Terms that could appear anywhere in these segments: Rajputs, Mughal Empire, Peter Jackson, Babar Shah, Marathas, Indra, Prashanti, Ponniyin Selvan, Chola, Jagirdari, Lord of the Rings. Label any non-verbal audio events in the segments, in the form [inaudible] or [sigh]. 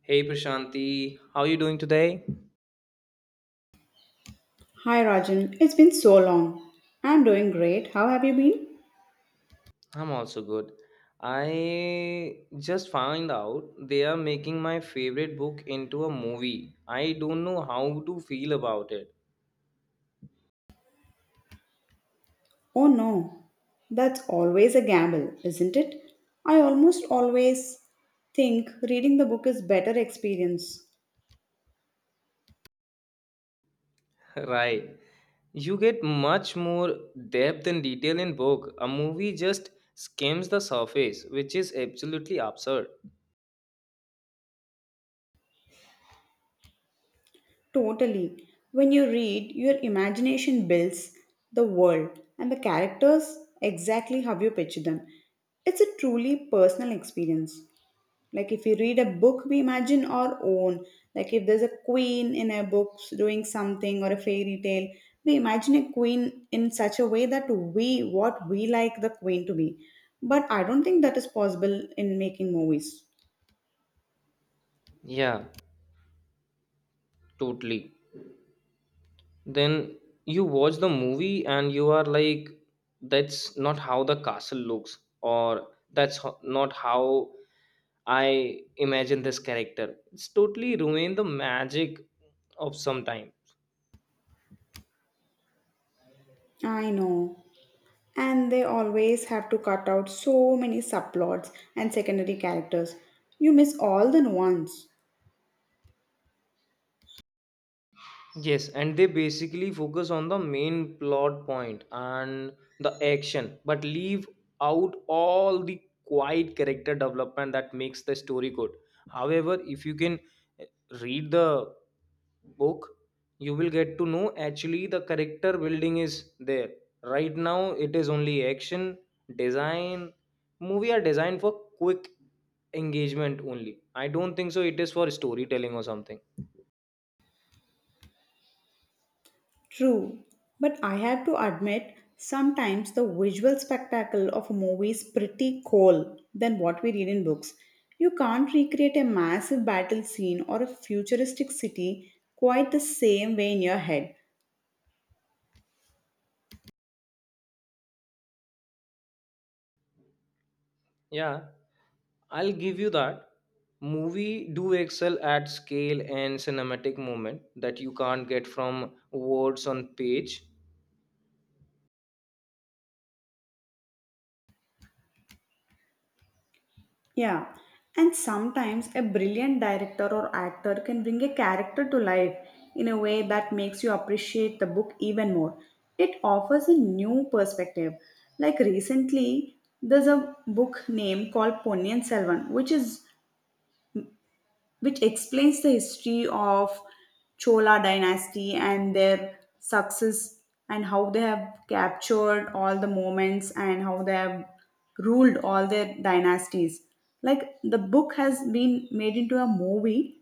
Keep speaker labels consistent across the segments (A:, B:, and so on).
A: Hey Prashanti, how are you doing today?
B: Hi Rajan, it's been so long. I'm doing great. How have you been?
A: I'm also good. I just found out they are making my favorite book into a movie. I don't know how to feel about it.
B: Oh no, that's always a gamble, isn't it? I almost always think reading the book is better experience.
A: [laughs] Right. You get much more depth and detail in book. A movie just skims the surface, which is absolutely absurd.
B: Totally. When you read, your imagination builds the world and the characters exactly how you picture them. It's a truly personal experience. Like if we read a book, we imagine our own. Like if there's a queen in a book doing something or a fairy tale, we imagine a queen in such a way that we, what we like the queen to be. But I don't think that is possible in making movies.
A: Yeah, totally. Then you watch the movie and you are like that's not how the castle looks, or not how I imagine this character. It's totally ruined the magic of some time.
B: I know. And they always have to cut out so many subplots and secondary characters. You miss all the nuance.
A: Yes, and they basically focus on the main plot point and the action, but leave out all the quiet character development that makes the story good. However, if you can eh, read the book, you will get to know actually the character building is there. Right now, it is only action, design. Movie are designed for quick engagement only. I don't think so. It is for storytelling or something.
B: True, but I have to admit, sometimes the visual spectacle of a movie is pretty cool than what we read in books. You can't recreate a massive battle scene or a futuristic city quite the same way in your head.
A: Yeah. I'll give you that. Movie do excel at scale and cinematic moment that you can't get from words on page.
B: Yeah, and sometimes a brilliant director or actor can bring a character to life in a way that makes you appreciate the book even more. It offers a new perspective. Like recently, there's a book name called Ponniyin Selvan, which explains the history of Chola dynasty and their success and how they have captured all the moments and how they have ruled all their dynasties. Like the book has been made into a movie,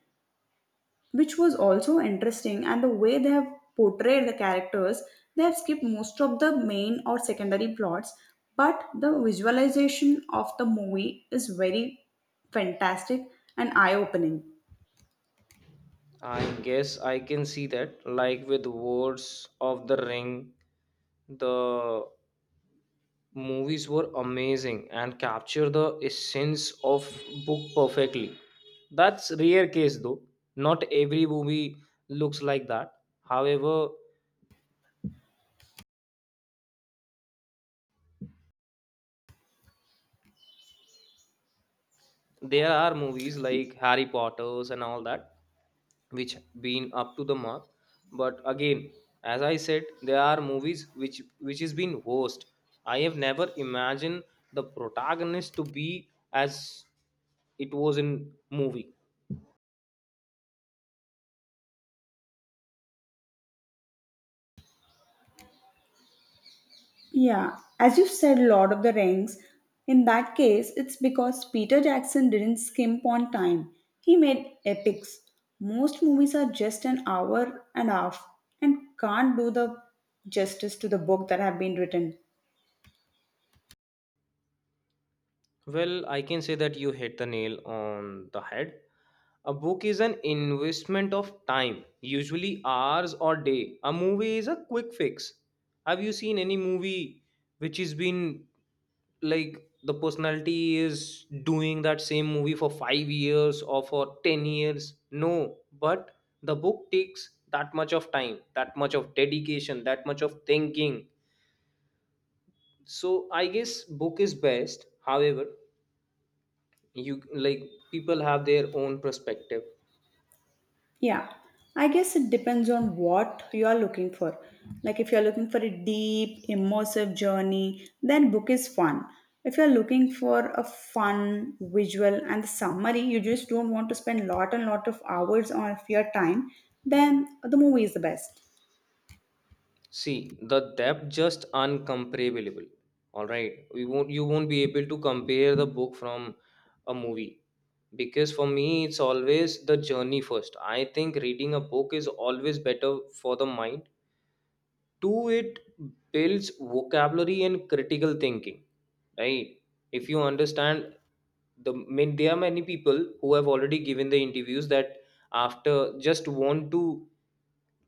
B: which was also interesting, and the way they have portrayed the characters, they have skipped most of the main or secondary plots, but the visualization of the movie is very fantastic and eye opening.
A: I guess I can see that. Like with words of the ring, the movies were amazing and capture the essence of book perfectly. That's rare case though. Not every movie looks like that. However, there are movies like Harry Potter's and all that which been up to the mark, but again, as I said, there are movies which is been worst. I have never imagined the protagonist to be as it was in movie.
B: Yeah, as you said, Lord of the Rings, in that case, it's because Peter Jackson didn't skimp on time. He made epics. Most movies are just an hour and a half and can't do the justice to the book that have been written.
A: Well, I can say that you hit the nail on the head. A book is an investment of time, usually hours or day. A movie is a quick fix. Have you seen any movie which has been like the personality is doing that same movie for 5 years or for 10 years? No, but the book takes that much of time, that much of dedication, that much of thinking. So I guess book is best. However, you like, people have their own perspective.
B: Yeah, I guess it depends on what you are looking for. Like, if you're looking for a deep, immersive journey, then book is fun. If you're looking for a fun visual and the summary, you just don't want to spend lot and lot of hours of your time, then the movie is the best.
A: See, the depth just uncomparable. All right, we won't you won't be able to compare the book from a movie. Because for me, it's always the journey first. I think reading a book is always better for the mind. Two, it builds vocabulary and critical thinking, right? If you understand the mean, there are many people who have already given the interviews that after just want to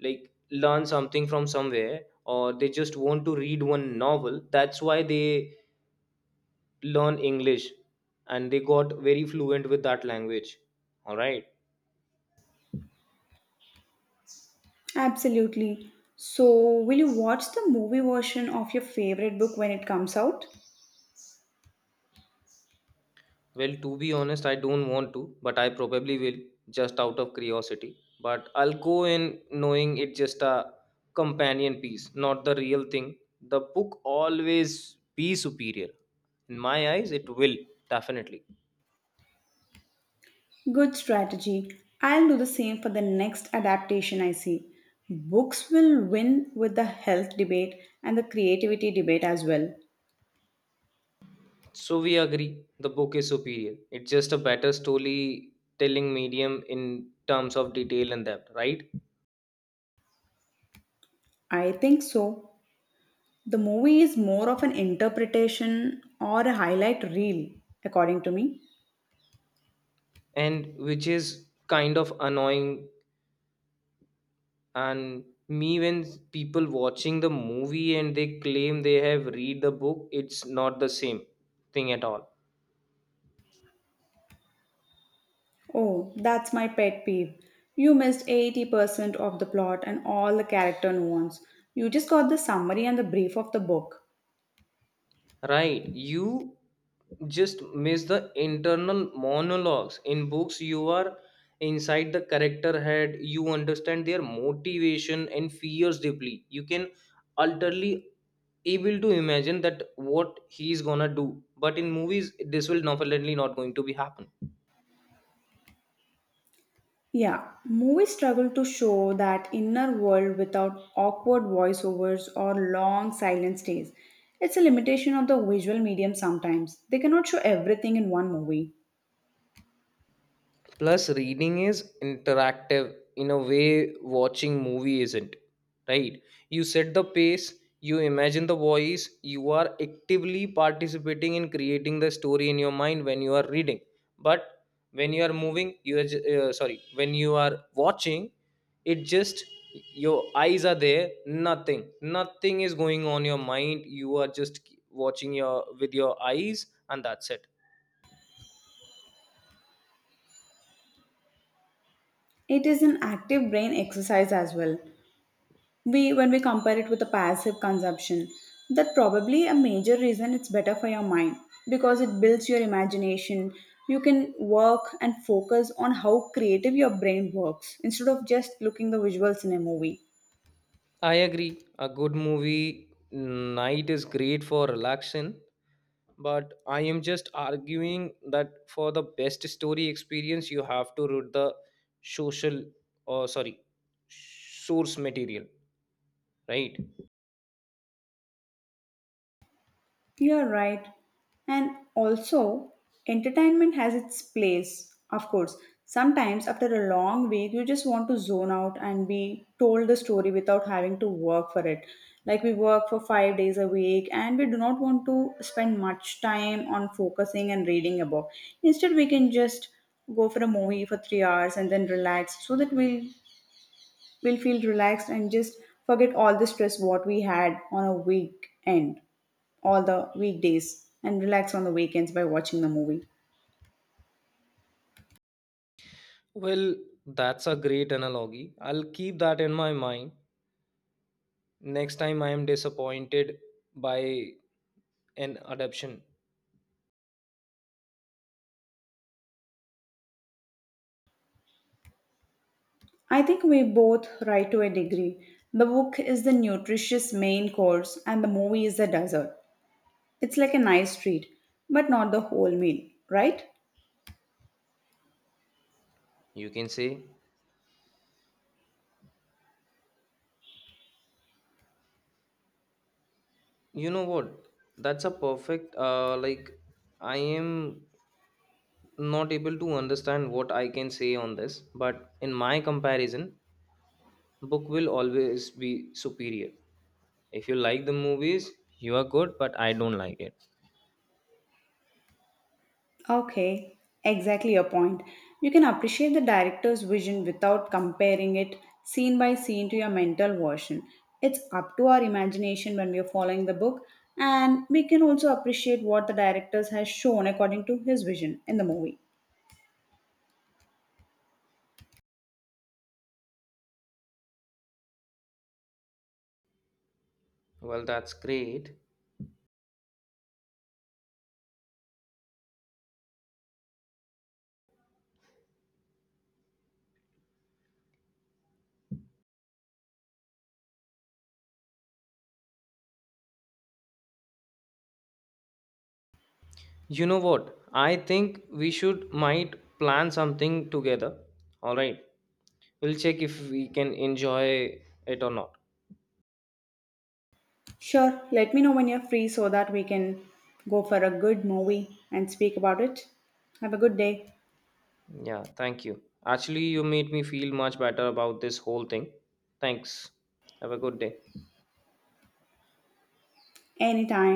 A: like learn something from somewhere, or they just want to read one novel. That's why they learn english and they got very fluent with that language. All right.
B: Absolutely. So, will you watch the movie version of your favorite book when it comes out?
A: Well, to be honest, I don't want to, but I probably will just out of curiosity. But I'll go in knowing it's just a companion piece, not the real thing. The book always be superior. In my eyes, it will definitely.
B: Good strategy. I'll do the same for the next adaptation I see. Books will win with the health debate and the creativity debate as well.
A: So we agree the book is superior. It's just a better story telling medium in terms of detail and depth, right?
B: I think so. The movie is more of an interpretation or a highlight reel, according to me.
A: And which is kind of annoying and me when people watching the movie and they claim they have read the book. It's not the same thing at all.
B: Oh, that's my pet peeve. You missed 80% of the plot and all the character nuance. You just got the summary and the brief of the book.
A: Right, you just miss the internal monologues. In books you are inside the character head. You understand their motivation and fears deeply. You can utterly able to imagine that what he's gonna do, but in movies this will definitely not going to be happen.
B: Yeah, movies struggle to show that inner world without awkward voiceovers or long silent stays. It's a limitation of the visual medium sometimes. They cannot show everything in one movie.
A: Plus reading is interactive in a way watching movie isn't, right? You set the pace, you imagine the voice. You are actively participating in creating the story in your mind when you are reading. But when you are moving, you are sorry, when you are watching, it just, your eyes are there. Nothing is going on your mind. You are just watching your with your eyes, and that's it.
B: It is an active brain exercise as well. We when we compare it with a passive consumption, that probably a major reason it's better for your mind because it builds your imagination. You can work and focus on how creative your brain works instead of just looking the visuals in a movie.
A: I agree. A good movie night is great for relaxation, but I am just arguing that for the best story experience, you have to read the social, or sorry, source material, right?
B: You're right. And also, entertainment has its place, of course. Sometimes, after a long week, you just want to zone out and be told the story without having to work for it. Like, we work for 5 days a week and we do not want to spend much time on focusing and reading about. Instead, we can just go for a movie for 3 hours and then relax so that we'll feel relaxed and just forget all the stress what we had on a weekend all the weekdays and relax on the weekends by watching the movie.
A: Well, that's a great analogy. I'll keep that in my mind next time I am disappointed by an adaptation.
B: I think we both right to a degree. The book is the nutritious main course and the movie is the dessert. It's like a nice treat, but not the whole meal, right?
A: You can say, you know what? That's a perfect like, I am not able to understand what I can say on this. But in my comparison, book will always be superior. If you like the movies, you are good, but I don't like it.
B: Okay, exactly your point. You can appreciate the director's vision without comparing it scene by scene to your mental version. It's up to our imagination when we are following the book, and we can also appreciate what the director has shown according to his vision in the movie.
A: Well, that's great. You know what? I think we should might plan something together. All right. We'll check if we can enjoy it or not.
B: Sure, let me know when you're free so that we can go for a good movie and speak about it. Have a good day.
A: Yeah, thank you. Actually, you made me feel much better about this whole thing. Thanks. Have a good day.
B: Anytime.